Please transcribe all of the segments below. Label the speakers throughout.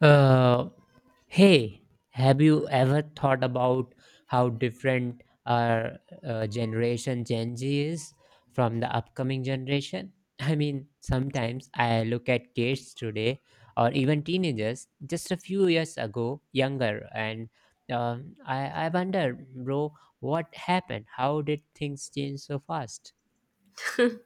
Speaker 1: Uh, hey, have you ever thought about how different our generation Gen Z is from the upcoming generation? I mean, sometimes I look at kids today or even teenagers just a few years ago, younger, and I wonder, bro, what happened? How did things change so fast?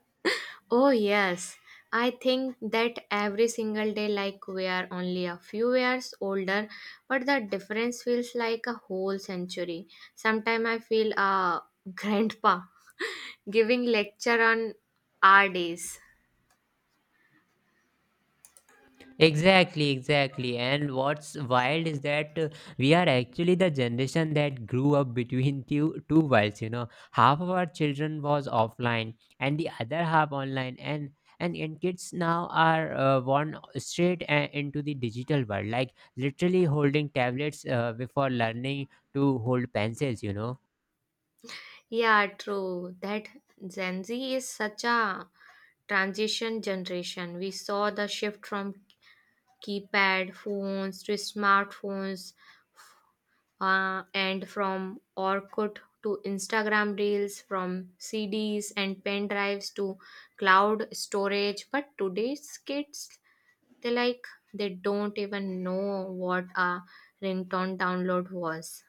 Speaker 2: Oh, yes. I think that every single day, like we are only a few years older, but the difference feels like a whole century. Sometimes I feel a grandpa giving lecture on our days.
Speaker 1: Exactly, exactly. And what's wild is that we are actually the generation that grew up between two worlds, you know. Half of our children was offline and the other half online and kids now are born straight into the digital world, like literally holding tablets before learning to hold pencils.
Speaker 2: Yeah, true. That Gen Z is such a transition generation. We saw the shift from keypad phones to smartphones and from Orkut to Instagram Reels, from CDs and pen drives to cloud storage. But today's kids, they, like, they don't even know what a ringtone download was.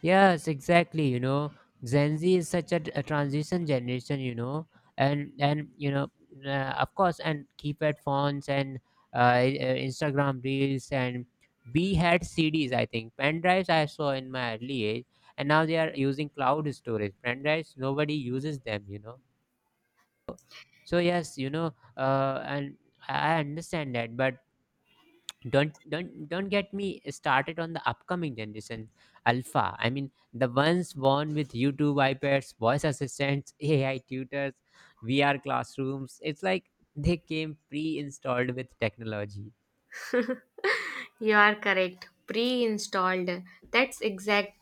Speaker 1: Yes, exactly. You know, Gen Z is such a transition generation. You know, and of course, and keypad phones and Instagram reels and we had CDs. I think pen drives I saw in my early age, and now they are using cloud storage. Pen drives nobody uses them. You know, so yes, you know, and I understand that, but don't get me started on the upcoming generation alpha. I mean, the ones born with YouTube, iPads, voice assistants, AI tutors, VR classrooms. It's like they came pre-installed with technology.
Speaker 2: You are correct. Pre-installed. That's exact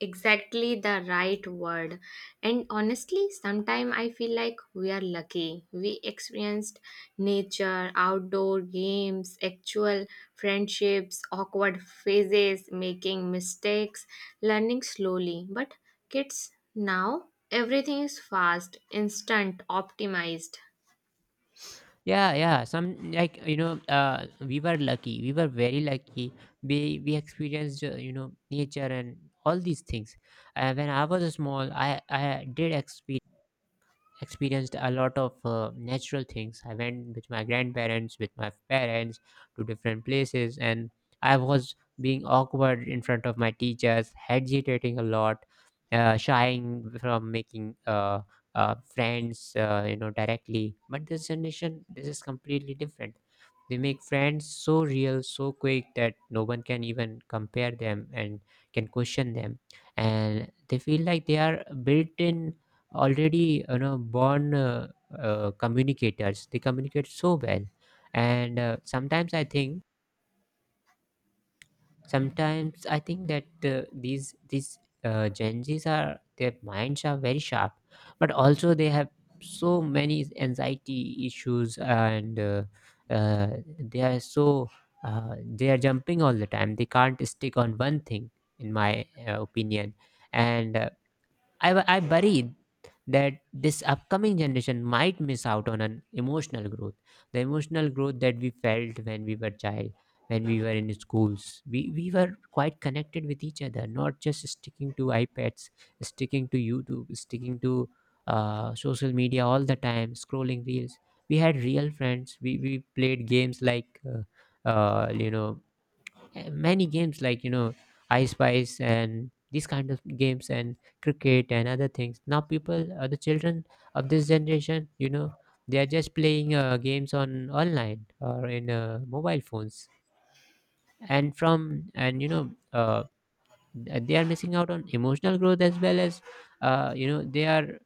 Speaker 2: exactly the right word. And honestly, sometimes I feel like we are lucky. We experienced nature, outdoor games, actual friendships, awkward phases, making mistakes, learning slowly. But kids now everything is fast, instant, optimized.
Speaker 1: Yeah, yeah, some, like, we were lucky. We were very lucky. We experienced nature and all these things. When I was small, I did experience experienced a lot of natural things. I went with my grandparents, with my parents to different places, and I was being awkward in front of my teachers, hesitating a lot, shying from making friends, you know, directly. But this generation, this is completely different. They make friends so real, so quick that no one can even compare them and can question them, and they feel like they are built in already, you know, born communicators. They communicate so well. And sometimes I think that these Gen Z's, are their minds are very sharp, but also they have so many anxiety issues, and they are so, they are jumping all the time. They can't stick on one thing, in my opinion. And I worry that this upcoming generation might miss out on an emotional growth. The emotional growth that we felt when we were child, when we were in schools. We were quite connected with each other, not just sticking to iPads, sticking to YouTube, sticking to social media all the time, scrolling reels. We had real friends. We played games like, many games, like, you know, I spice and these kind of games, and cricket and other things. Now people, the children of this generation, you know, they are just playing games on online or in mobile phones. And they are missing out on emotional growth, as well as, you know, they are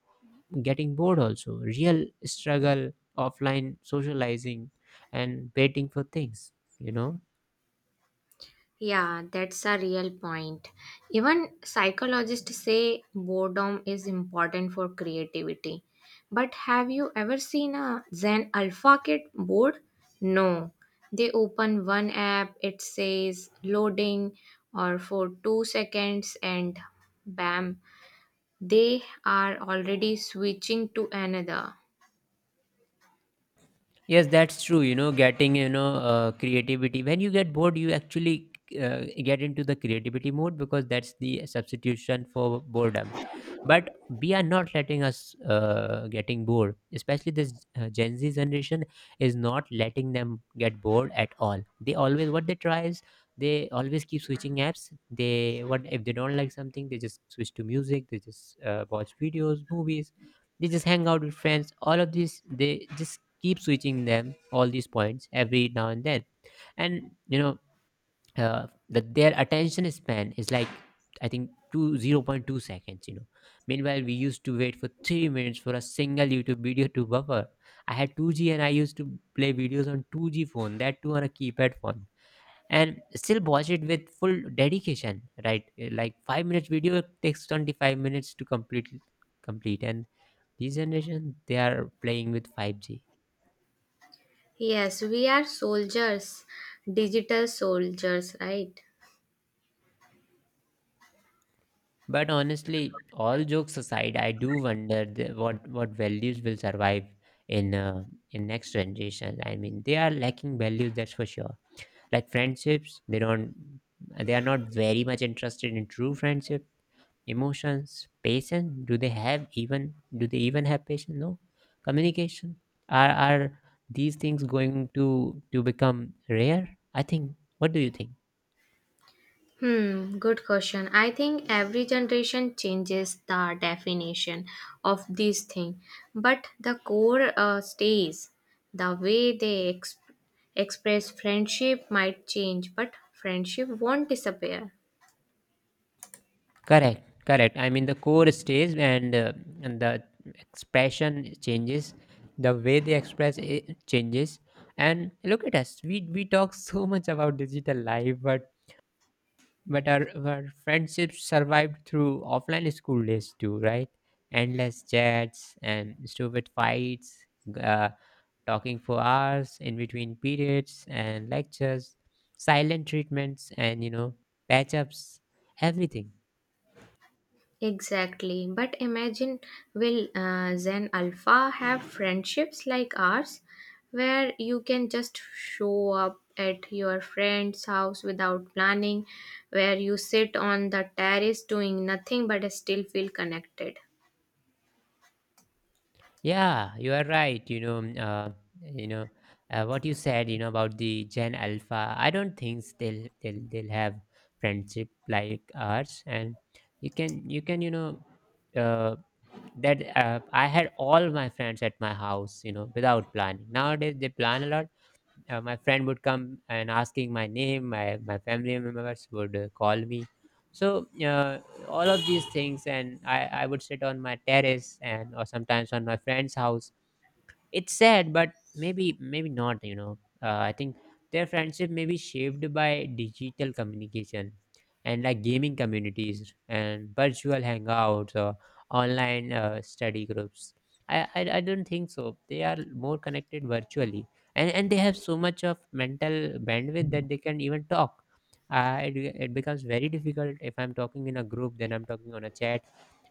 Speaker 1: getting bored also. Real struggle, offline socializing and waiting for things, you know.
Speaker 2: Yeah, that's a real point. Even psychologists say boredom is important for creativity. But have you ever seen a Zen Alpha Kit board? No. They open one app, it says loading or for 2 seconds, and bam, they are already switching to another.
Speaker 1: Yes, that's true. You know, getting, creativity. When you get bored, you actually get into the creativity mode, because that's the substitution for boredom. But we are not letting us getting bored. Especially this Gen Z generation is not letting them get bored at all. They always, what they try is they always keep switching apps. They, what if they don't like something, they just switch to music. They just watch videos, movies, they just hang out with friends. All of these, they just keep switching them, all these points, every now and then. And you know, that their attention span is like, I think, two, 0.2 seconds, you know. Meanwhile we used to wait for 3 minutes for a single YouTube video to buffer. I had 2G and I used to play videos on 2G phone, that too on a keypad phone, and still watch it with full dedication, right? Like 5 minutes video takes 25 minutes to complete. And this generation, they are playing with 5G.
Speaker 2: Yes, we are soldiers, digital soldiers, right?
Speaker 1: But honestly, all jokes aside, I do wonder the, what values will survive in uh, in next generation. I mean, they are lacking values, that's for sure. Like friendships, they don't, they are not very much interested in true friendship. Emotions, patience, do they have even? Do they even have patience? No. Communication, are these things going to become rare? I think. What do you think?
Speaker 2: Hmm, good question. I think every generation changes the definition of this thing, but the core stays. The way they express friendship might change, but friendship won't disappear.
Speaker 1: Correct, correct. I mean, the core stays, and the expression changes, the way they express it changes. And look at us, we talk so much about digital life, but our friendships survived through offline school days too, right? Endless chats and stupid fights, uh, talking for hours in between periods and lectures, silent treatments, and you know, patch ups, everything.
Speaker 2: Exactly. But imagine will Zen Alpha have friendships like ours, where you can just show up at your friend's house without planning, where you sit on the terrace doing nothing but still feel connected?
Speaker 1: Yeah, you are right. You know, you know what you said, you know, about the Gen Alpha. I don't think they'll have friendship like ours. And you can you know uh, that I had all my friends at my house. You know, without planning. Nowadays they plan a lot. My friend would come and asking my name. My family members would call me. So all of these things, and I would sit on my terrace, and or sometimes on my friend's house. It's sad, but maybe not. You know, I think their friendship may be shaped by digital communication, and like gaming communities and virtual hangouts or online study groups. I don't think so. They are more connected virtually, and they have so much of mental bandwidth that they can even talk. Uh, it, it becomes very difficult. If I'm talking in a group, then I'm talking on a chat,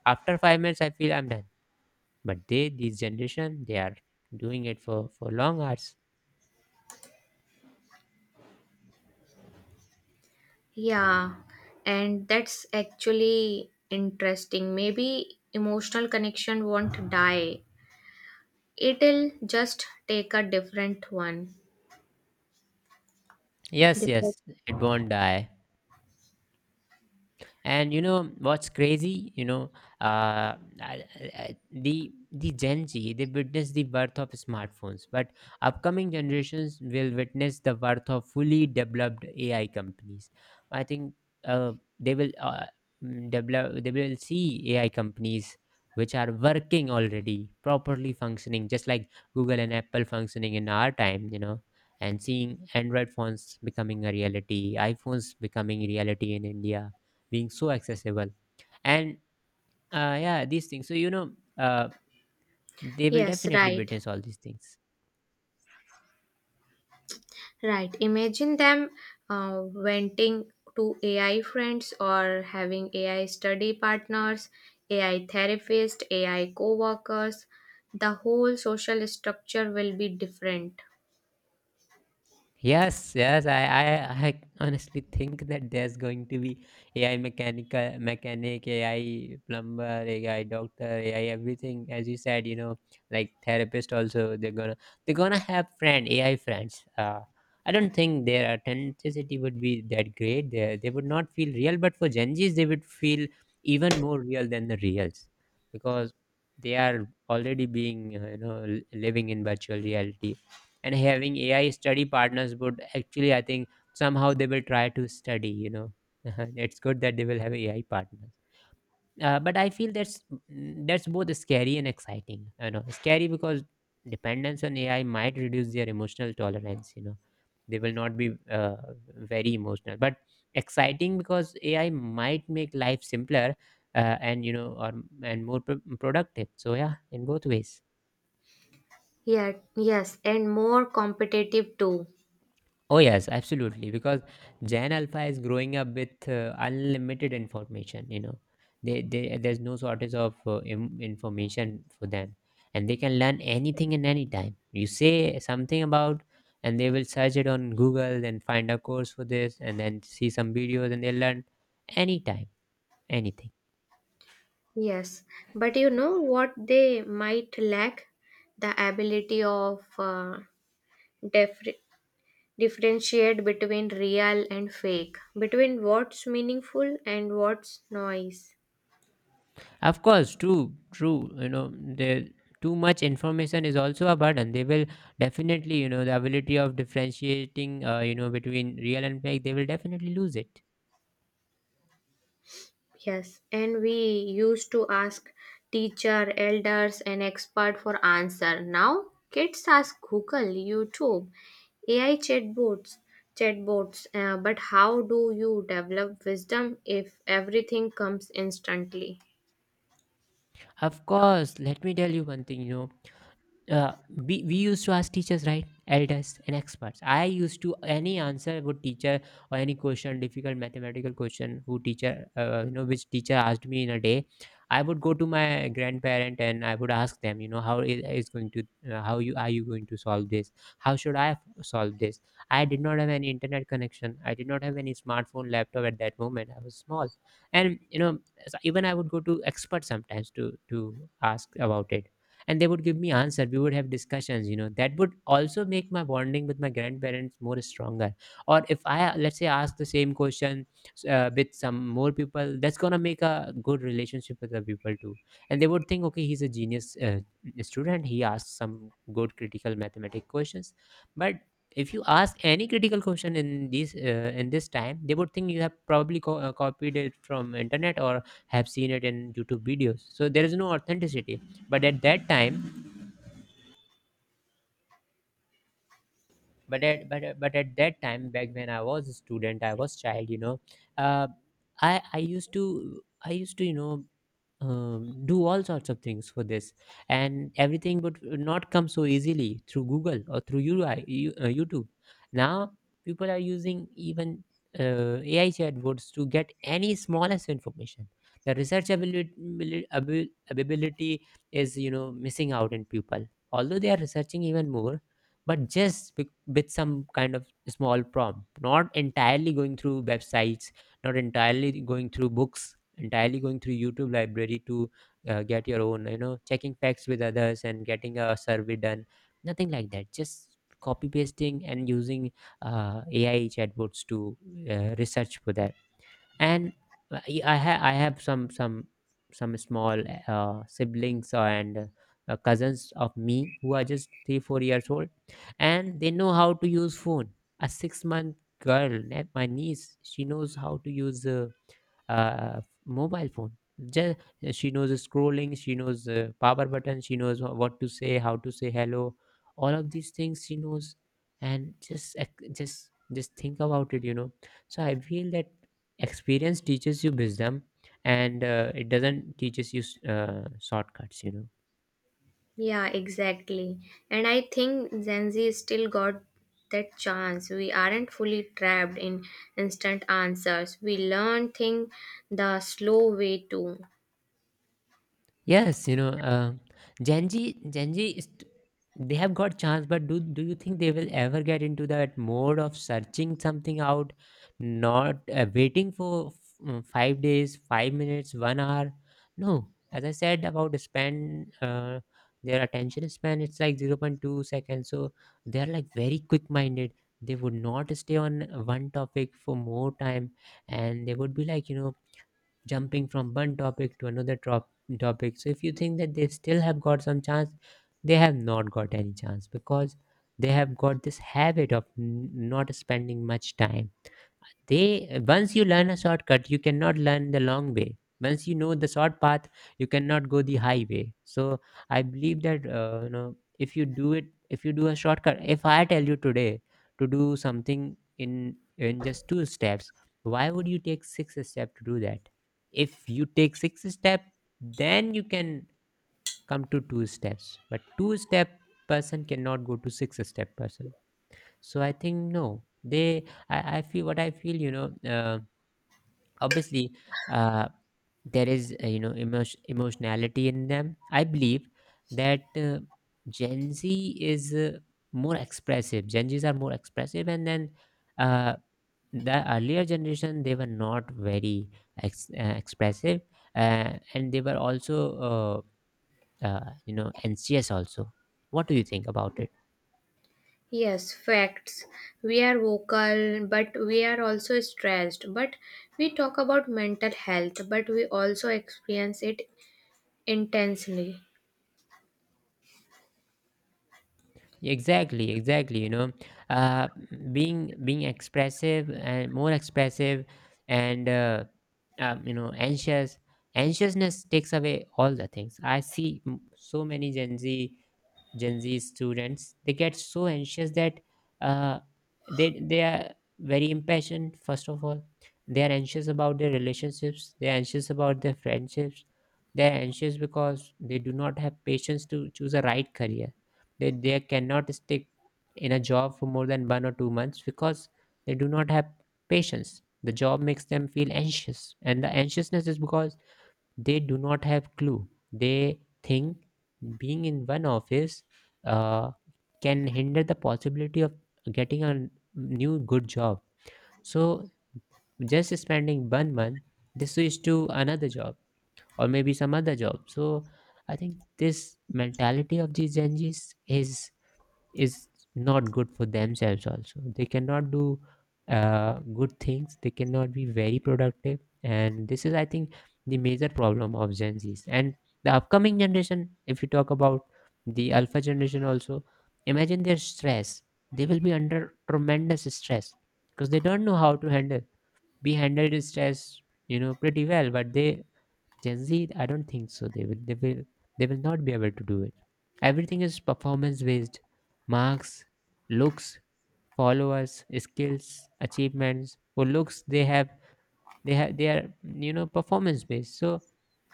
Speaker 1: after 5 minutes I feel I'm done. But they, this generation, they are doing it for long hours.
Speaker 2: Yeah, and that's actually interesting. Maybe emotional connection won't die, it'll just take a different one.
Speaker 1: Yes, yes, it won't die. And you know what's crazy, you know, uh, I- the Gen Z, they witness the birth of smartphones, but upcoming generations will witness the birth of fully developed AI companies, I think. uh, they will uh, they will see AI companies which are working already, properly functioning, just like Google and Apple functioning in our time, you know, and seeing Android phones becoming a reality, iPhones becoming reality in India, being so accessible. And yeah, these things. So you know, uh, they will
Speaker 2: Yes,
Speaker 1: definitely
Speaker 2: right.
Speaker 1: witness all these things.
Speaker 2: Right. Imagine them venting to AI friends or having AI study partners, AI therapists, AI co workers. The whole social structure will be different.
Speaker 1: Yes, yes. I honestly think that there's going to be AI mechanic, AI plumber, AI doctor, AI everything. As you said, you know, like therapist also. They're gonna have friend AI friends. I don't think their authenticity would be that great. They would not feel real, but for Gen Zs, they would feel even more real than the reals, because they are already being, you know, living in virtual reality. And having AI study partners would actually, I think, somehow they will try to study. You know, it's good that they will have AI partners. But I feel that's that's both scary and exciting. You know, scary because dependence on AI might reduce their emotional tolerance. You know, they will not be very emotional. But exciting because AI might make life simpler, and you know, or and more productive. So yeah, in both ways.
Speaker 2: Yeah, yes, and more competitive too.
Speaker 1: Oh, yes, absolutely. Because Gen Alpha is growing up with unlimited information, you know. There's no shortage of information for them. And they can learn anything and anytime. You say something about, and they will search it on Google and find a course for this, and then see some videos, and they learn anytime, anything.
Speaker 2: Yes, but you know what they might lack? The ability of differ- differentiate between real and fake, between what's meaningful and what's noise.
Speaker 1: Of course, true, true. You know, the too much information is also a burden. They will definitely, you know, the ability of differentiating, you know, between real and fake, they will definitely lose it.
Speaker 2: Yes, and we used to ask teacher, elders, and expert for answer. Now kids ask Google, YouTube, AI chatbots, chatbots. But how do you develop wisdom if everything comes instantly?
Speaker 1: Of course, let me tell you one thing, we used to ask teachers, right, elders and experts. I used to any answer would teacher, or any question, difficult mathematical question, who teacher, which teacher asked me in a day. I would go to my grandparent and I would ask them, how is going to, how you are you going to solve this, how should I solve this. I did not have any internet connection, I did not have any smartphone, laptop at that moment, I was small. And you know, so even I would go to experts sometimes to ask about it, and they would give me answer, we would have discussions, you know, that would also make my bonding with my grandparents more stronger. Or if I, let's say, ask the same question, with some more people, that's gonna make a good relationship with the people too. And they would think, okay, he's a genius, student, he asks some good critical mathematic questions. But if you ask any critical question in this, in this time, they would think you have probably copied it from internet or have seen it in YouTube videos, so there is no authenticity. But at that time, but at that time back when I was a student, I was child, you know. Uh, i i used to, i used to you know do all sorts of things for this. And everything would not come so easily through Google or through UI, YouTube. Now people are using even AI chatbots to get any smallest information. The research ability is, you know, missing out in people, although they are researching even more. But just with some kind of small prompt, not entirely going through websites, not entirely going through books, entirely going through YouTube library to, get your own, checking facts with others and getting a survey done. Nothing like that, just copy pasting and using AI chatbots to research for that. And I have some small siblings and cousins of me who are just 3 4 years old, and they know how to use phone. A 6-month girl, my niece, she knows how to use a mobile phone. Just, she knows scrolling, she knows power button, she knows what to say, how to say hello, all of these things she knows. And just just think about it. So I feel that experience teaches you wisdom, and it doesn't teaches you shortcuts.
Speaker 2: Yeah, exactly. And I think Gen Z still got that chance. We aren't fully trapped in instant answers. We learn things the slow way too.
Speaker 1: Yes, you know, Gen Z they have got chance, but do you think they will ever get into that mode of searching something out, not waiting for 5 days, 5 minutes, 1 hour? No, as I said about span, their attention span it's like 0.2 seconds, so they are like very quick minded. They would not stay on one topic for more time, and they would be like, jumping from one topic to another, topic. So if you think that they still have got some chance, they have not got any chance because they have got this habit of not spending much time. They, once you learn a shortcut, you cannot learn the long way. Once you know the short path, you cannot go the highway. So I believe that, if you do a shortcut, if I tell you today to do something in just two steps, why would you take six steps to do that? If you take six steps, then you can come to two steps, but two step person cannot go to six step person. So I think no, they I feel what I feel, obviously, uh, there is, emotionality in them. I believe that, Gen Z is, more expressive, Gen Z's are more expressive. And then, uh, the earlier generation they were not very expressive, and they were also uh, anxious also. What do you think about it?
Speaker 2: Yes, facts. We are vocal, but we are also stressed. But we talk about mental health, but we also experience it intensely.
Speaker 1: Exactly, exactly, uh, being expressive and more expressive, and um, you know anxious anxiousness takes away all the things. I see, so many Gen Z students, they get so anxious that, uh, they are very impatient. First of all, they are anxious about their relationships. They are anxious about their friendships. They are anxious because they do not have patience to choose a right career. They cannot stick in a job for more than 1 or 2 months because they do not have patience. The job makes them feel anxious, and the anxiousness is because they do not have clue. They think being in one office uh, can hinder the possibility of getting a new good job, so just spending 1 month they switch to another job, or maybe some other job. So I think this mentality of these gen z's is not good for themselves also, they cannot do good things, they cannot be very productive. And this is, I think, the major problem of gen z's and the upcoming generation. If you talk about the alpha generation also, imagine their stress, they will be under tremendous stress because they don't know how to handle. We handled stress, pretty well, but they, Gen Z, I don't think so. They will not be able to do it. Everything is performance based: marks, looks, followers, skills, achievements. For looks, they are, performance based. So,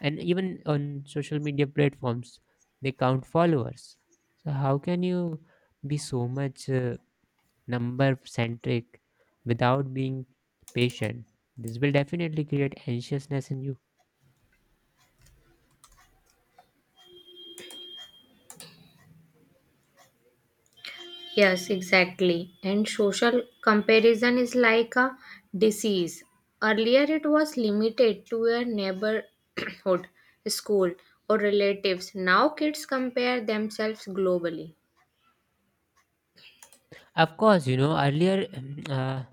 Speaker 1: and even on social media platforms, they count followers. So how can you be so much number centric without being patient? This will definitely create anxiousness in you.
Speaker 2: Yes, exactly. And social comparison is like a disease. Earlier, it was limited to your neighborhood, school, or relatives. Now, kids compare themselves globally.
Speaker 1: Of course, earlier, uh,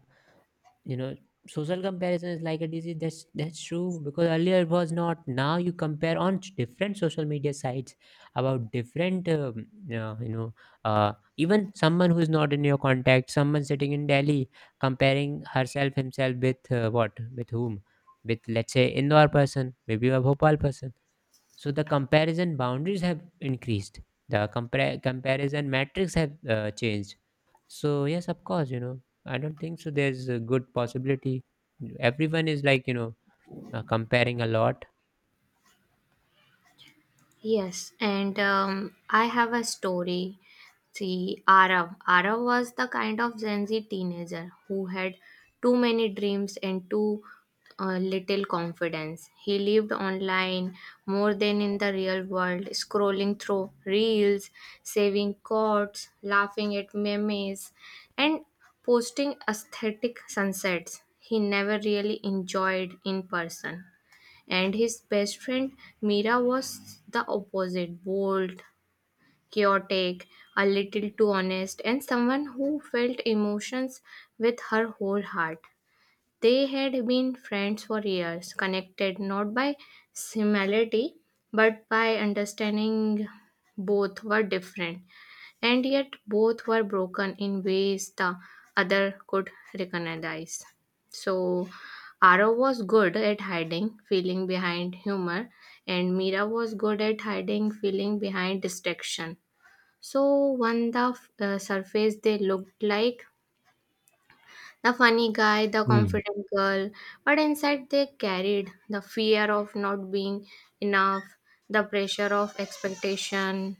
Speaker 1: you know, social comparison is like a disease. That's true because earlier it was not. Now you compare on different social media sites about different, uh, you know, even someone who is not in your contact, someone sitting in Delhi, comparing herself himself with, what, with whom, with, let's say, Indore person, maybe a Bhopal person. So the comparison boundaries have increased. The compare comparison metrics have changed. So yes, of course, you know, I don't think so. There's a good possibility. Everyone is like, comparing a lot.
Speaker 2: Yes, and I have a story. See, Arav. Arav was the kind of Gen Z teenager who had too many dreams and too little confidence. He lived online more than in the real world, scrolling through reels, saving quotes, laughing at memes, and posting aesthetic sunsets he never really enjoyed in person. And his best friend Mira was the opposite: bold, chaotic, a little too honest, and someone who felt emotions with her whole heart. They had been friends for years, connected not by similarity but by understanding. Both were different, and yet both were broken in ways the other could recognize. So, Aro was good at hiding feeling behind humor, and Mira was good at hiding feeling behind distraction. So, when the surface, they looked like the funny guy, the
Speaker 1: Hmm.
Speaker 2: confident girl, but inside they carried the fear of not being enough, the pressure of expectation.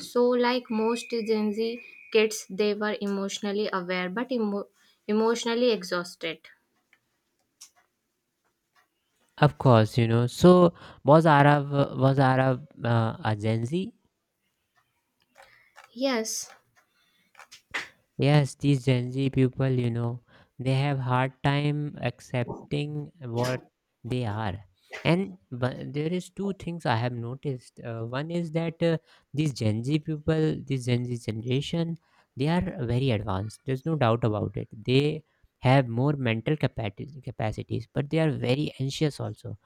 Speaker 2: So, like most Gen Z kids, they were emotionally aware but emotionally exhausted.
Speaker 1: Of course, you know. So was Arav a Gen Z?
Speaker 2: Yes,
Speaker 1: Yes, these Gen Z people, they have hard time accepting what they are. And but there is two things I have noticed. One is that, these Gen Z people, this Gen Z generation, they are very advanced. There's no doubt about it. They have more mental capacities, but they are very anxious also.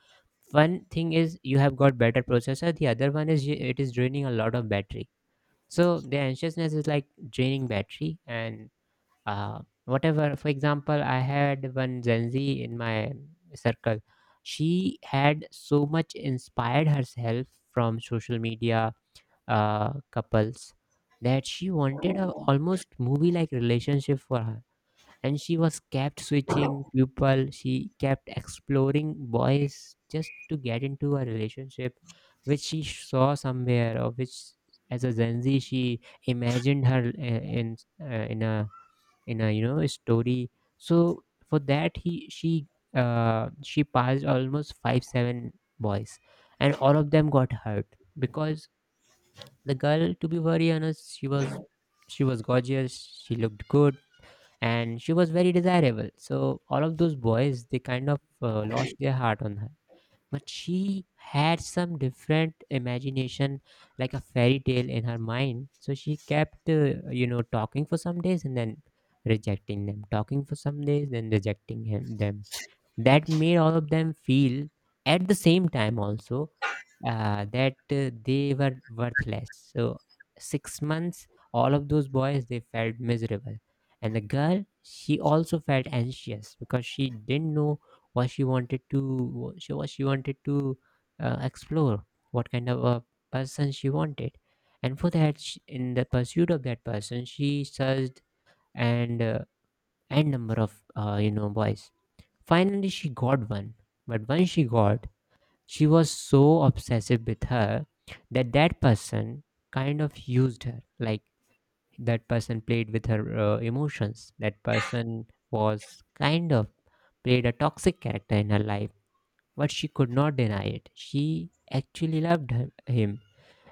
Speaker 1: One thing is you have got better processor. The other one is it is draining a lot of battery. So the anxiousness is like draining battery and, whatever. For example, I had one Gen Z in my circle. She had so much inspired herself from social media couples that she wanted a almost movie like relationship for her. And she was kept switching people, she kept exploring boys just to get into a relationship which she saw somewhere, or which, as a Gen Z, she imagined her in, in a you know a story. So for that, he she passed almost five seven boys, and all of them got hurt because the girl, to be very honest, she was gorgeous, she looked good, and she was very desirable, so all of those boys they kind of, lost their heart on her. But she had some different imagination, like a fairy tale in her mind, so she kept, talking for some days and then rejecting them, talking for some days then rejecting him them. That made all of them feel, at the same time also, that, they were worthless. So 6 months, all of those boys they felt miserable. And the girl, she also felt anxious because she didn't know what she wanted to, explore, what kind of a person she wanted. And for that, sh in the pursuit of that person she searched and, n number of, boys, finally she got one. But when she got, she was so obsessive with her that that person kind of used her. Like, that person played with her emotions, that person was kind of played a toxic character in her life, but she could not deny it. She actually loved him,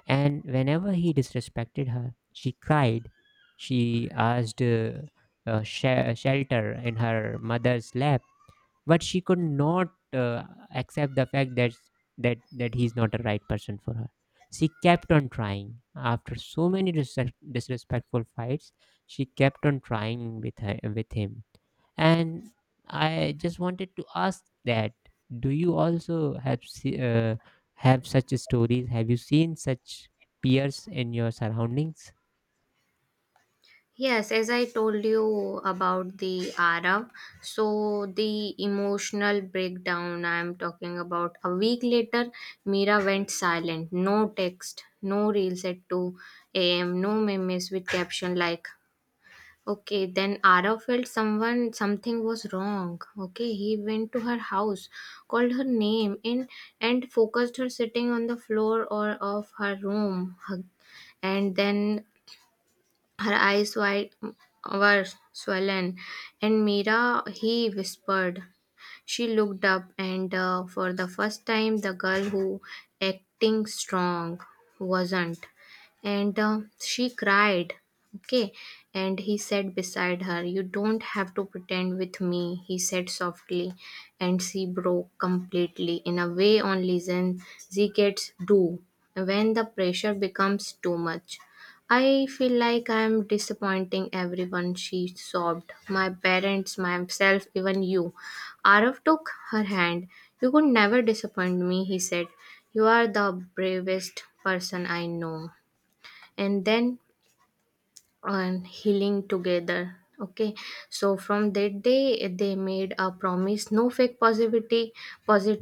Speaker 1: and whenever he disrespected her, she cried. She asked, shelter in her mother's lap, but she could not accept the fact that he's not a right person for her. She kept on trying after so many disrespectful fights. She kept on trying with him. And I just wanted to ask that, do you also have, such stories? Have you seen such peers in your surroundings?
Speaker 2: yes, as I told you about the Arab, so the emotional breakdown I'm talking about. A week later, Mira went silent. No text, no reels at 2 a.m., no memes with caption like, okay, then Arab felt someone, something was wrong. Okay, he went to her house, called her name, and focused her sitting on the floor or of her room, and then her eyes wide were swollen, and Mira, he whispered. She looked up, and for the first time, the girl who acting strong wasn't. And she cried. Okay. And he sat beside her. You don't have to pretend with me, he said softly. And she broke completely in a way only Zen Z gets do when the pressure becomes too much. I feel like I'm disappointing everyone, she sobbed. My parents, myself, even you. Arav took her hand. You could never disappoint me, he said. You are the bravest person I know. And then on healing together. Okay, so from that day, they made a promise: no fake positivity,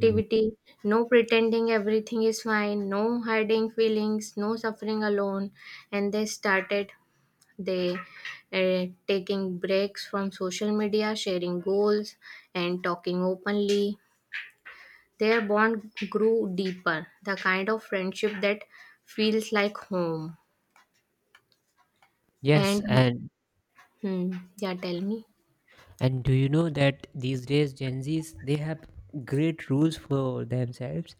Speaker 1: Mm.
Speaker 2: no pretending everything is fine, no hiding feelings, no suffering alone, and they taking breaks from social media, sharing goals, and talking openly. Their bond grew deeper, the kind of friendship that feels like home.
Speaker 1: Yes,
Speaker 2: And
Speaker 1: and
Speaker 2: hmm, yeah, tell me.
Speaker 1: do you know that these days Gen Zs they have great rules for themselves.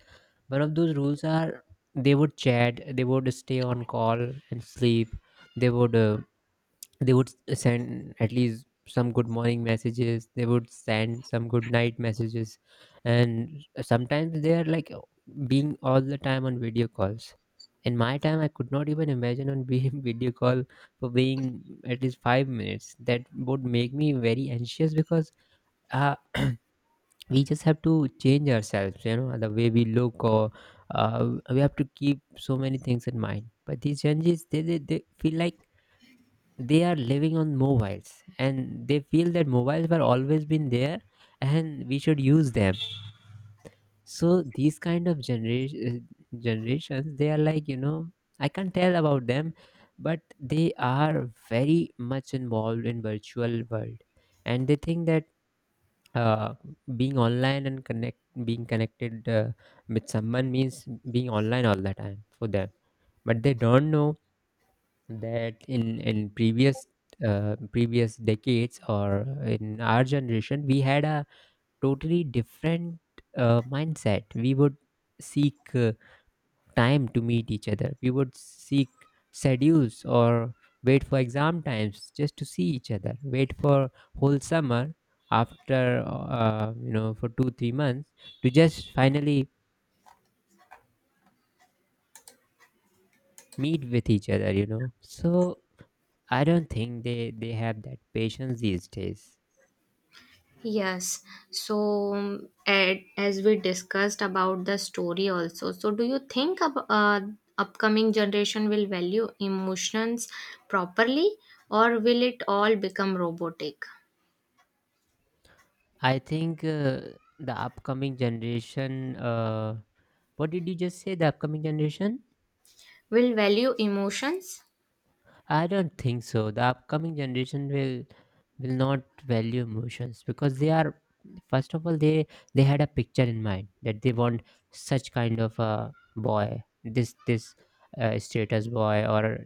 Speaker 1: One of those rules are they would chat, they would stay on call and sleep, they would send at least some good morning messages. They would send some good night messages. And sometimes they are like being all the time on video calls. In my time I could not even imagine on being video call for being at least 5 minutes. That would make me very anxious because uh, we just have to change ourselves, you know, the way we look, or we have to keep so many things in mind. But these changes, they feel like they are living on mobiles, and they feel that mobiles were always been there and we should use them. So these kind of generation generations, they are like, you know, I can't tell about them, but they are very much involved in virtual world. And they think that uh, being online and connect being connected with someone means being online all the time for them. But they don't know that in previous decades, or in our generation, we had a totally different mindset. We would seek time to meet each other. We would seek schedules, or wait for exam times just to see each other, wait for whole summer after for 2 3 months to just finally meet with each other, you know. So I don't think they have that patience these days.
Speaker 2: Yes. So, as we discussed about the story also, so do you think upcoming generation will value emotions properly, or will it all become robotic?
Speaker 1: I think the upcoming generation. What did you just say? The upcoming generation?
Speaker 2: Will value emotions?
Speaker 1: I don't think so. The upcoming generation will not value emotions, because they are, first of all, they had a picture in mind that they want such kind of a boy, this status boy, or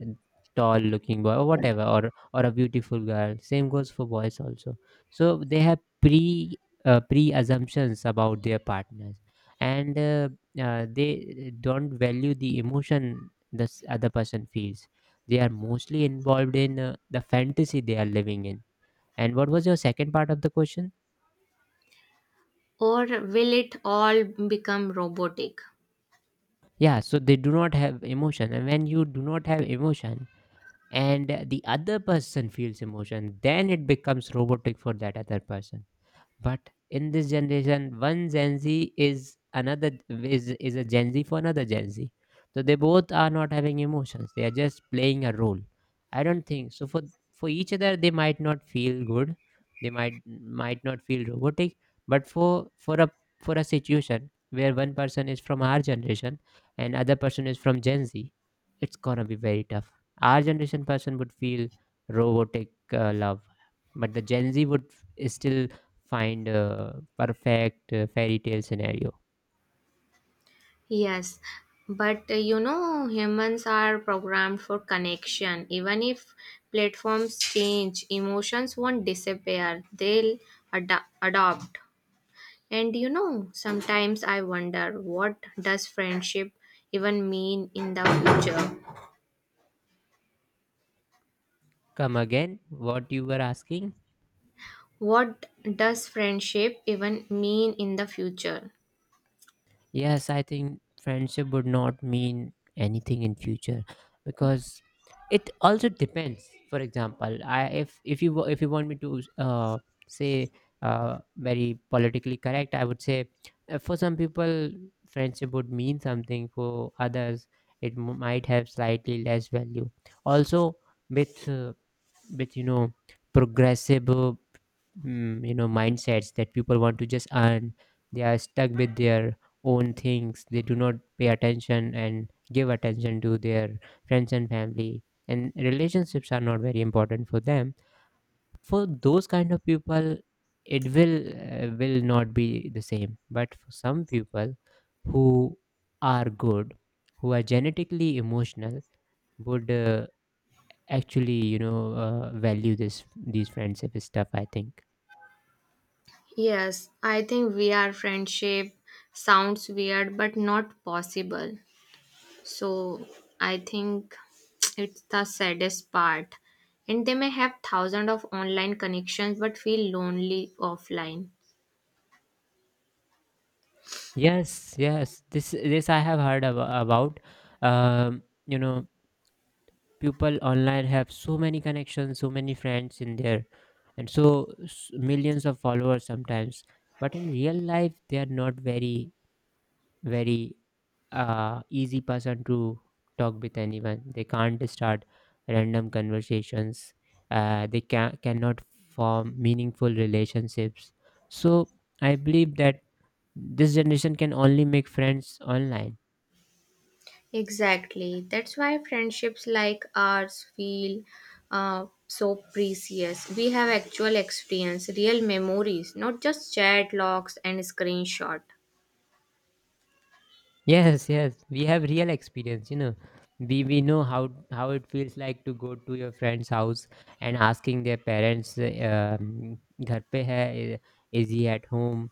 Speaker 1: tall looking boy, or whatever, or a beautiful girl. Same goes for boys also. So they have pre assumptions about their partners, and they don't value the emotion this other person feels. They are mostly involved in the fantasy they are living in. And what was your second part of the question?
Speaker 2: Or will it all become robotic?
Speaker 1: Yeah, so they do not have emotion. And when you do not have emotion, and the other person feels emotion, then it becomes robotic for that other person. But in this generation, one Gen Z is another is a Gen Z for another Gen Z. So they both are not having emotions. They are just playing a role. I don't think so. For each other, they might not feel good. They might not feel robotic. But for a situation where one person is from our generation and other person is from Gen Z, it's gonna be very tough. Our generation person would feel robotic love, but the Gen Z would still find a perfect fairy tale scenario.
Speaker 2: Yes, but humans are programmed for connection. Even if platforms change, emotions won't disappear, they'll adopt. And sometimes I wonder, what does friendship even mean in the future?
Speaker 1: Come again, what you were asking?
Speaker 2: What does friendship even mean in the future?
Speaker 1: Yes, I think friendship would not mean anything in future, because it also depends. For example, I if you if you want me to say very politically correct, I would say for some people friendship would mean something, for others it might have slightly less value. Also, with with, you know, progressive you know, mindsets, that people want to just earn. They are stuck with their own things. They do not pay attention and give attention to their friends and family, and relationships are not very important for them. For those kind of people, it will not be the same. But for some people who are good, who are genetically emotional, would actually, you know, value this these friendship stuff, I think.
Speaker 2: Yes, I think we are friendship sounds weird but not possible. So I think it's the saddest part. And they may have thousands of online connections but feel lonely offline.
Speaker 1: Yes, yes, this I have heard about, um, you know, people online have so many connections, so many friends in there, and millions of followers sometimes, but in real life they are not very easy person to talk with anyone. They can't start random conversations. They cannot form meaningful relationships. So I believe that this generation can only make friends online.
Speaker 2: Exactly. That's why friendships like ours feel so precious. We have actual experience, real memories, not just chat logs and screenshot.
Speaker 1: Yes, yes, we have real experience, you know. We know how it feels like to go to your friend's house and asking their parents, घर पे है, is he at home?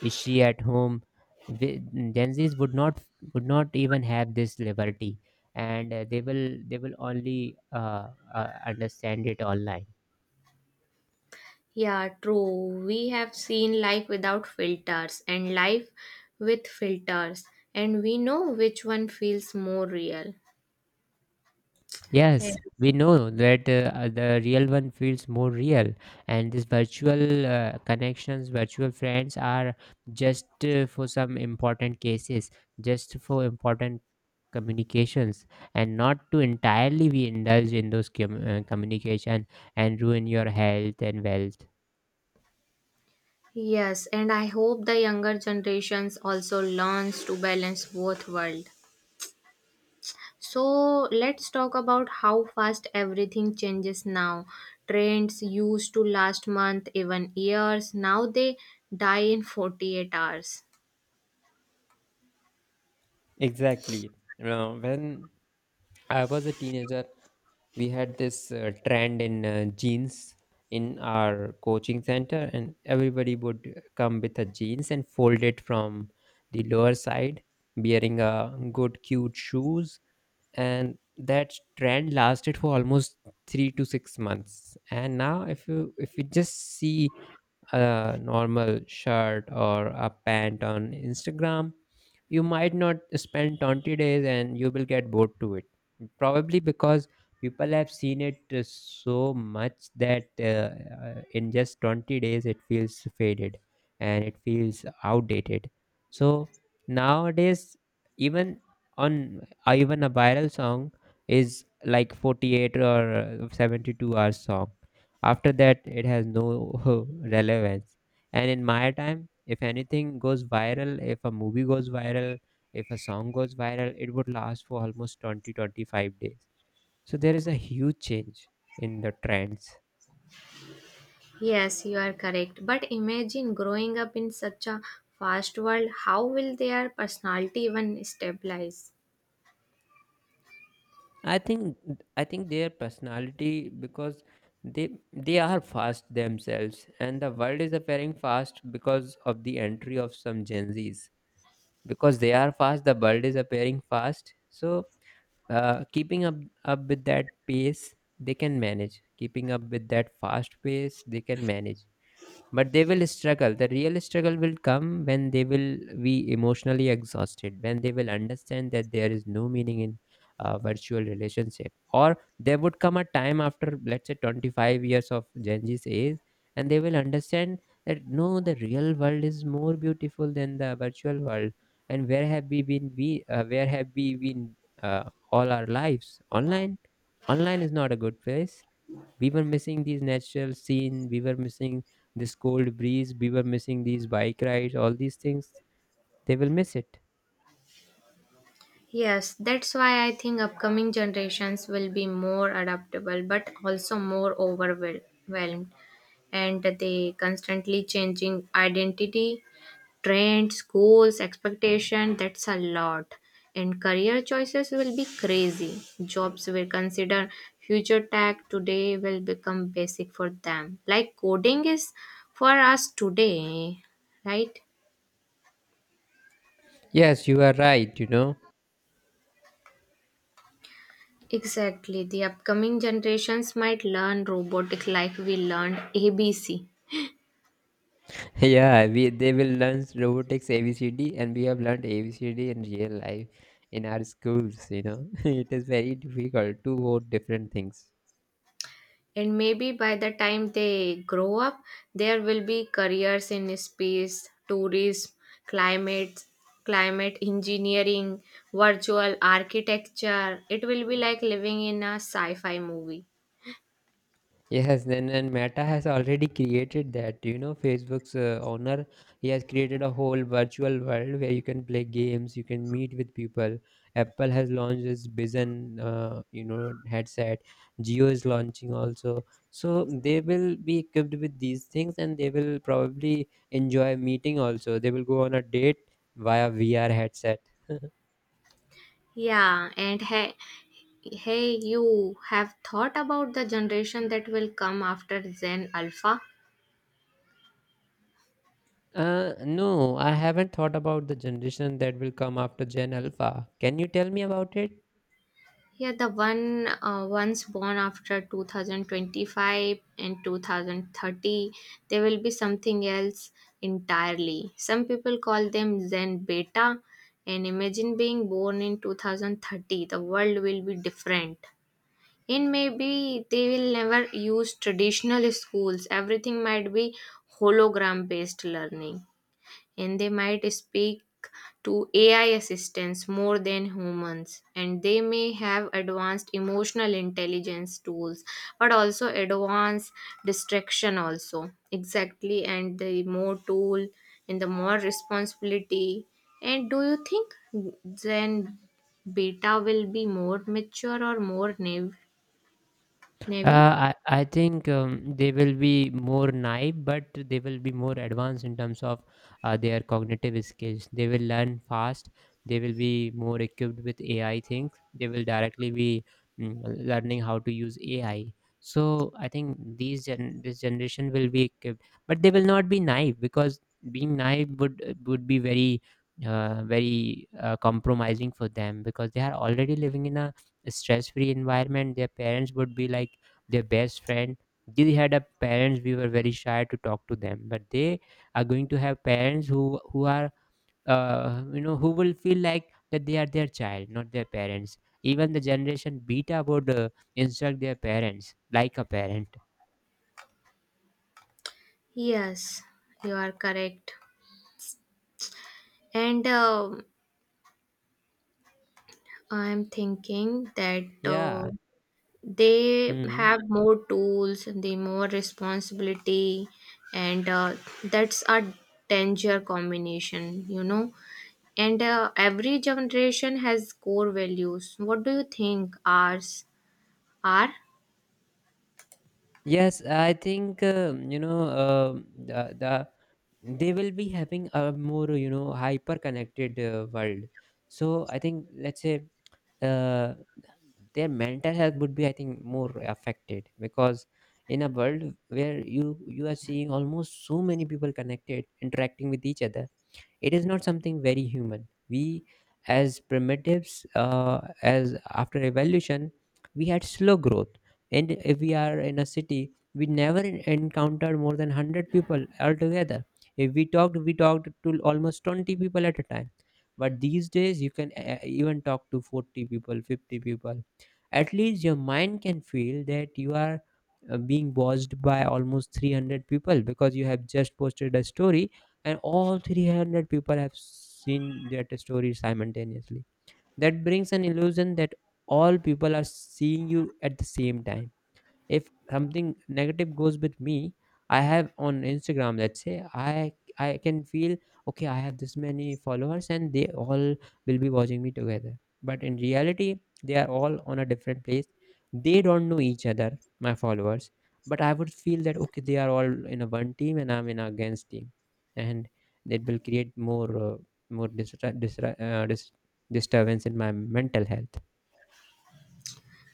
Speaker 1: Is she at home? We, Gen Zs would not even have this liberty, and they will only uh, understand it online.
Speaker 2: Yeah, true. We have seen life without filters and life with filters, and we know which one feels more real.
Speaker 1: Yes,
Speaker 2: Yes,
Speaker 1: we know that the real one feels more real, and these virtual connections, virtual friends are just for some important cases, just for important communications, and not to entirely we indulge in those communication and ruin your health and wealth.
Speaker 2: yes, and I hope the younger generations also learns to balance both world. So let's talk about how fast everything changes now. Trends used to last month, even years, now they die in 48 hours.
Speaker 1: Exactly. You When I was a teenager, we had this trend in jeans in our coaching center, and everybody would come with a jeans and fold it from the lower side, wearing a good cute shoes, and that trend lasted for almost 3 to 6 months. And now if you just see a normal shirt or a pant on Instagram, you might not spend 20 days and you will get bored to it. Probably because people have seen it so much that, in just 20 days it feels faded and it feels outdated. So nowadays, even on even a viral song is like 48 or 72 hours song. After that, it has no relevance. And in my time, if anything goes viral, if a movie goes viral, if a song goes viral, it would last for almost 20 25 days. So there is a huge change in the trends.
Speaker 2: Yes, you are correct. But imagine growing up in such a fast world, how will their personality even stabilize?
Speaker 1: I think I think their personality, because they are fast themselves and the world is appearing fast because of the entry of some Gen Zs. Because they are fast, the world is appearing fast. So keeping up up with that pace they can manage, keeping up with that fast pace they can manage. But they will struggle. The real struggle will come when they will be emotionally exhausted, when they will understand that there is no meaning in a virtual relationship. Or there would come a time after, let's say, 25 years of gen z's age, and they will understand that no, the real world is more beautiful than the virtual world. And where have we been? We Where have we been uh, all our lives? Online. Online is not a good place. We were missing these natural scene, we were missing this cold breeze, we were missing these bike rides. All these things they will miss it.
Speaker 2: Yes, that's why I think upcoming generations will be more adaptable but also more overwhelmed, and they constantly changing identity, trends, goals, expectation, that's a lot. And career choices will be crazy. Jobs will consider future tech today will become basic for them. Like coding is for us today, right?
Speaker 1: Yes, you are right, you know.
Speaker 2: Exactly. The upcoming generations might learn robotic like we learned ABC.
Speaker 1: Yeah, we they will learn robotics, abcd, and we have learned abcd in real life in our schools, you know. It is very difficult to vote different things.
Speaker 2: And maybe by the time they grow up, there will be careers in space tourism, climate climate engineering, virtual architecture. It will be like living in a sci-fi movie.
Speaker 1: Yes, then, and Meta has already created that. You know, Facebook's owner, he has created a whole virtual world where you can play games, you can meet with people. Apple has launched its Bizen, you know, headset. Geo is launching also. So they will be equipped with these things, and they will probably enjoy meeting also. They will go on a date via VR headset.
Speaker 2: Yeah, and hey, you have thought about the generation that will come after zen alpha?
Speaker 1: No, I haven't thought about the generation that will come after Gen Alpha. Can you tell me about it?
Speaker 2: Yeah, the one once born after 2025 and 2030, there will be something else entirely. Some people call them Zen Beta, and imagine being born in 2030. The world will be different. And maybe they will never use traditional schools. Everything might be hologram based learning, and they might speak to AI assistants more than humans, and they may have advanced emotional intelligence tools, but also advanced distraction also exactly. And the more tool and the more responsibility. And do you think then beta will be more mature or more navy?
Speaker 1: I think, they will be more naive, but they will be more advanced in terms of their cognitive skills. They will learn fast. They will be more equipped with AI things. They will directly be, mm, learning how to use AI. So I think this generation will be equipped, but they will not be naive, because being naive would be very very compromising for them, because they are already living in a stress free environment. Their parents would be like their best friend. They had a parents, we were very shy to talk to them, but they are going to have parents who are, you know, who will feel like that they are their child, not their parents. Even the generation beta would instruct their parents like a parent.
Speaker 2: Yes, you are correct. And I'm thinking that
Speaker 1: Yeah.
Speaker 2: they
Speaker 1: Hmm.
Speaker 2: have more tools they more responsibility, and that's a danger combination, and every generation has core values. What do you think ours are?
Speaker 1: Yes, I think, you know, um, the they will be having a more, you know, hyper connected world. So I think, let's say, uh, their mental health would be, I think, more affected, because in a world where you are seeing almost so many people connected, interacting with each other, it is not something very human. We, as primitives, as after evolution, we had slow growth. And if we are in a city, we never encountered more than 100 people altogether. If we talked, we talked to almost 20 people at a time. But these days, you can, even talk to 40 people, 50 people. At least your mind can feel that you are being watched by almost 300 people because you have just posted a story, and all 300 people have seen that story simultaneously. That brings an illusion that all people are seeing you at the same time. If something negative goes with me, I have on Instagram, let's say, I can feel, okay, I have this many followers and they all will be watching me together. But in reality, they are all on a different place, they don't know each other, my followers. But I would feel that okay, they are all in a one team and I'm in a against team. And it will create more more disturbance in my mental health.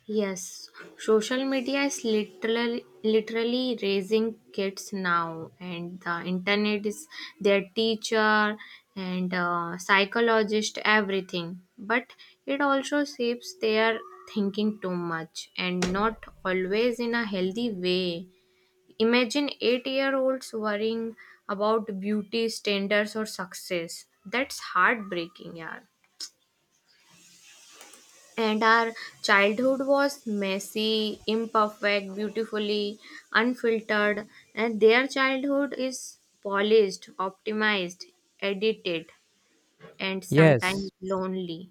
Speaker 2: Yes, social media is literally raising kids now, and the internet is their teacher and psychologist, everything. But it also shapes their thinking too much and not always in a healthy way. Imagine 8-year olds worrying about beauty standards or success. That's heartbreaking, yeah, and our childhood was messy, imperfect, beautifully unfiltered, and their childhood is polished, optimized, edited, and sometimes
Speaker 1: Yes.
Speaker 2: lonely.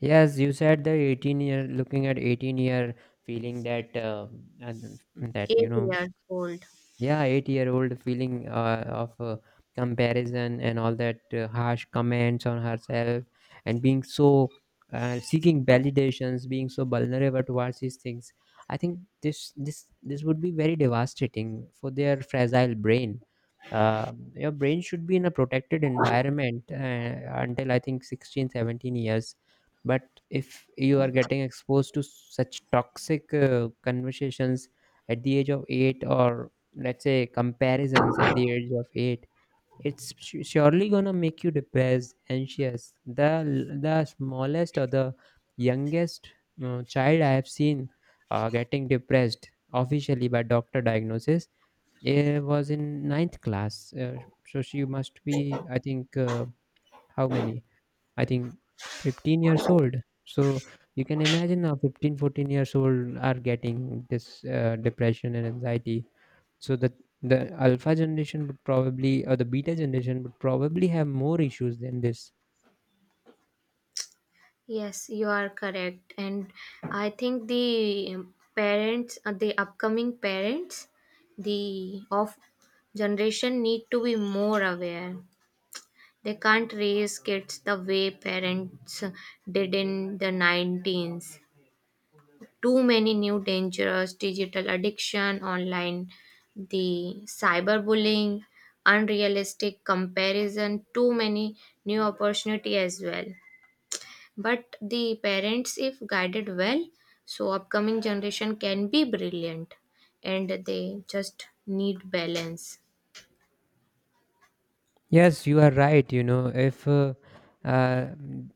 Speaker 1: Yes, you said the 18-year looking at 18 year, feeling that and that
Speaker 2: Eight years old.
Speaker 1: yeah, 8-year old, feeling of comparison and all that harsh comments on herself, and being so seeking validations, being so vulnerable towards these things. I think this would be very devastating for their fragile brain. Uh, your brain should be in a protected environment until I think 16, 17 years. But if you are getting exposed to such toxic conversations at the age of 8, or let's say comparisons at the age of 8, it's surely going to make you depressed, anxious. The smallest or the youngest child I have seen getting depressed officially by doctor diagnosis, it was in ninth class. So she must be, I think, how many, I think 15 years old. So you can imagine now 15, 14 years old are getting this depression and anxiety. So the alpha generation would probably, or the beta generation would probably have more issues than this.
Speaker 2: Yes, you are correct. And I think the parents, the upcoming parents, the of generation need to be more aware. They can't raise kids the way parents did in the 19s. Too many new dangers, digital addiction, online, the cyberbullying, unrealistic comparison, too many new opportunity as well. But the parents, if guided well, so upcoming generation can be brilliant, and they just need balance.
Speaker 1: Yes, you are right. You know, uh,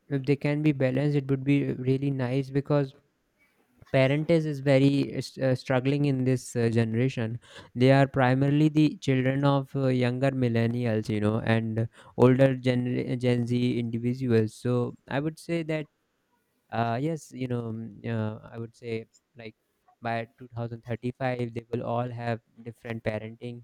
Speaker 1: if they can be balanced, it would be really nice, because parentage is very struggling in this generation. They are primarily the children of younger millennials, and older gen z individuals. So I would say that, yes, I would say, like, by 2035, they will all have different parenting,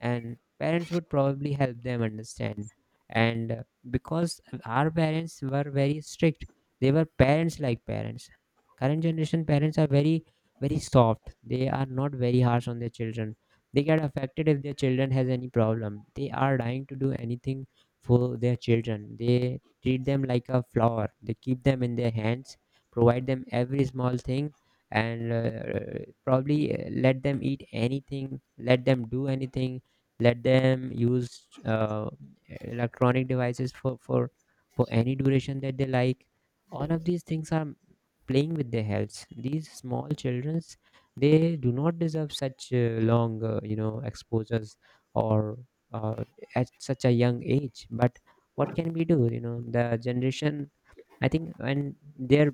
Speaker 1: and parents would probably help them understand. And because our parents were very strict, they were parents like parents. Current generation parents are very, very soft, they are not very harsh on their children. They get affected if their children has any problem, they are dying to do anything for their children. They treat them like a flower, they keep them in their hands, provide them every small thing. And probably let them eat anything, let them do anything, let them use electronic devices for, for any duration that they like. All of these things are playing with their health, these small childrens. They do not deserve such long, exposures, or uh, at such a young age. But what can we do? The generation, I think, and their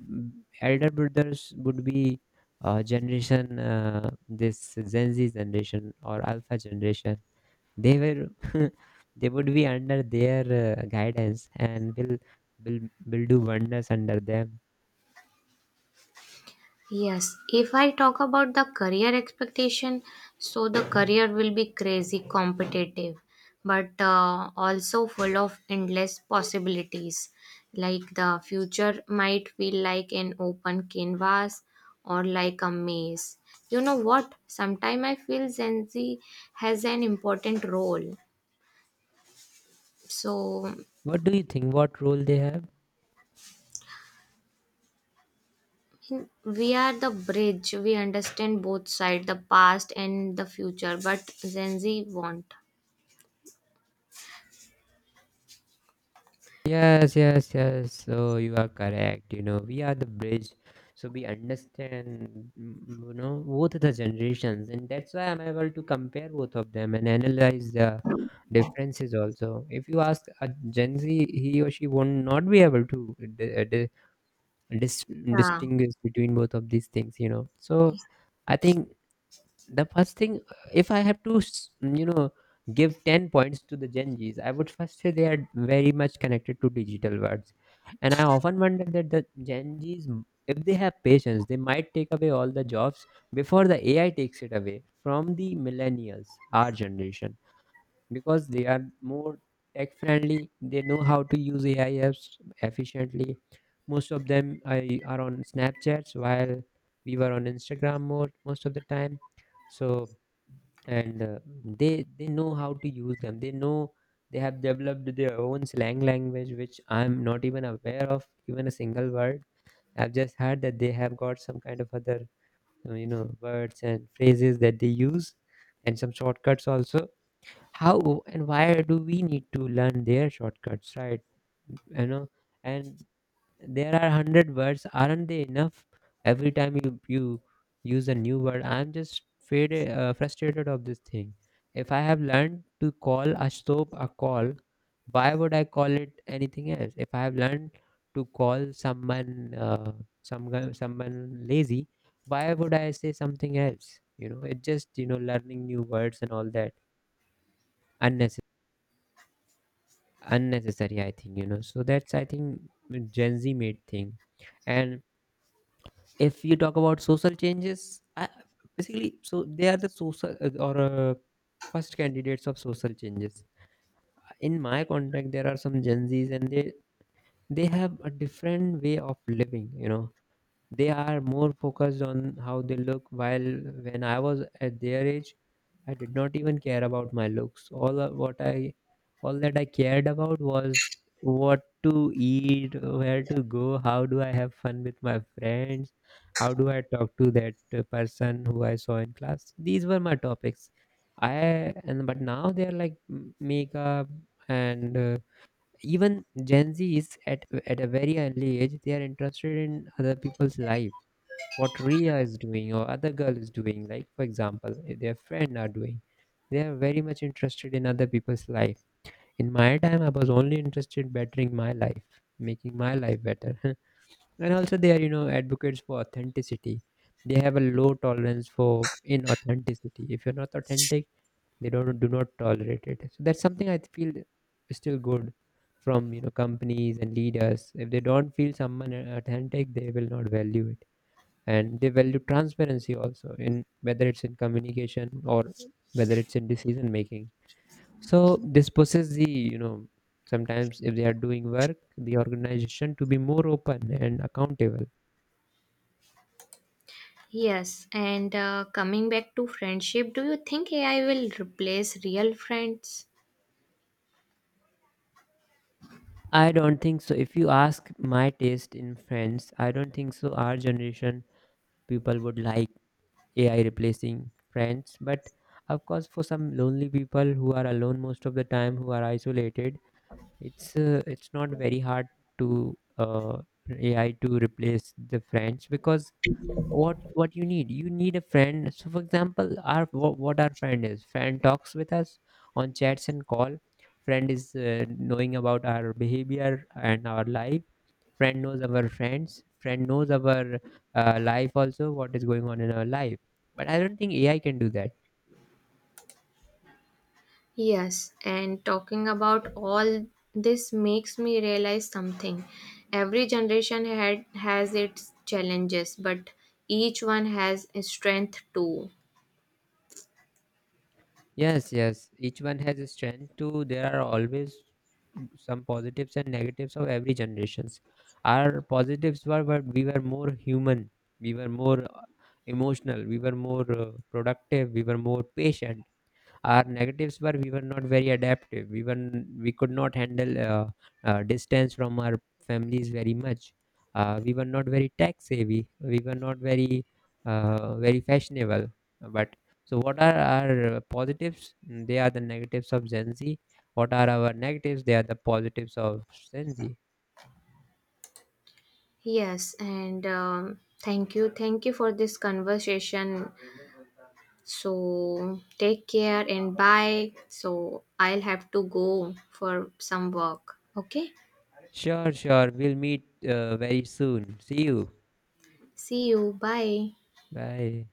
Speaker 1: elder brothers would be generation, this gen z generation or alpha generation, they were they would be under their guidance and will will do wonders under them.
Speaker 2: Yes, if I talk about the career expectation, so the career will be crazy competitive, but also full of endless possibilities. Like the future might feel like an open canvas or like a maze. You know what? Sometimes I feel Gen Z has an important role. So
Speaker 1: What do you think, what role they have?
Speaker 2: we are the bridge. We understand both sides, the past and the future, but Gen Z won't.
Speaker 1: Yes, yes, yes, so you are correct, you know we are the bridge. So we understand, both the generations, and that's why I'm able to compare both of them and analyze the differences. Also, if you ask a gen z, he or she won't not be able to di- dis-
Speaker 2: Yeah,
Speaker 1: distinguish between both of these things, you know. So I think the first thing, if I have to give 10 points to the gen z's, I would first say they are very much connected to digital worlds. And I often wonder that the gen z's, if they have patience, they might take away all the jobs before the AI takes it away from the millennials, our generation. Because they are more tech friendly, they know how to use AI apps efficiently. Most of them, are on Snapchats, while we were on Instagram more most of the time. So, and they know how to use them, they know. They have developed their own slang language which I'm not even aware of, even a single word. I've just heard that they have got some kind of other words and phrases that they use. And some shortcuts also. How and why do we need to learn their shortcuts, right, you know? And there are 100 words, aren't they enough? Every time you use a new word, I'm just frustrated of this thing. If I have learned to call a soap a call, why would I call it anything else? If I have learned to call someone someone lazy, why would I say something else, it just, learning new words and all that, unnecessary, unnecessary, I think, so that's, I think, gen z made thing. And if you talk about social changes, basically, so they are the social or first candidates of social changes. In my contact there are some gen z's, and they have a different way of living, you know. They are more focused on how they look, while when I was at their age, I did not even care about my looks. All that I cared about was what to eat, where to go, how do I have fun with my friends, how do I talk to that person who I saw in class. These were my topics. I and but now they're like, makeup and even gen z is at a very early age. They are interested in other people's life. What Ria is doing or other girl is doing, like, for example, if their friend are doing. They are very much interested in other people's life. In my time, I was only interested bettering my life, making my life better. And also, they are, advocates for authenticity. They have a low tolerance for inauthenticity. If you're not authentic, they don't, do not tolerate it. So that's something I feel is still good from, companies and leaders. If they don't feel someone authentic, they will not value it. And they value transparency also, in whether it's in communication or whether it's in decision making. So this pushes the, sometimes if they are doing work, the organization to be more open and accountable.
Speaker 2: yes. And coming back to friendship, do you think AI will replace real friends?
Speaker 1: I don't think so. If you ask my taste in friends, I don't think so our generation people would like AI replacing friends. But of course, for some lonely people who are alone most of the time, who are isolated, it's not very hard to AI to replace the friends. Because what you need a friend. So for example, our what our friend is, friend talks with us on chats and call. Friend is, knowing about our behavior and our life. Friend knows our friends. Friend knows our life also, what is going on in our life. But I don't think AI can do that.
Speaker 2: Yes, and talking about all this makes me realize something. Every generation had has its challenges, but each one has a strength too.
Speaker 1: Yes, yes. Each one has a strength too. There are always some positives and negatives of every generations. Our positives were, but we were more human. We were more emotional. We were more productive. We were more patient. Our negatives were, we were not very adaptive. We could not handle distance from our families very much. We were not very tech savvy. We were not very very fashionable. But, so what are our positives? They are the negatives of gen z. What are our negatives? They are the positives of gen z.
Speaker 2: Yes, and thank you for this conversation. So take care and bye. So I'll have to go for some work. Okay.
Speaker 1: Sure, sure, we'll meet very soon. See you.
Speaker 2: See you. Bye.
Speaker 1: Bye.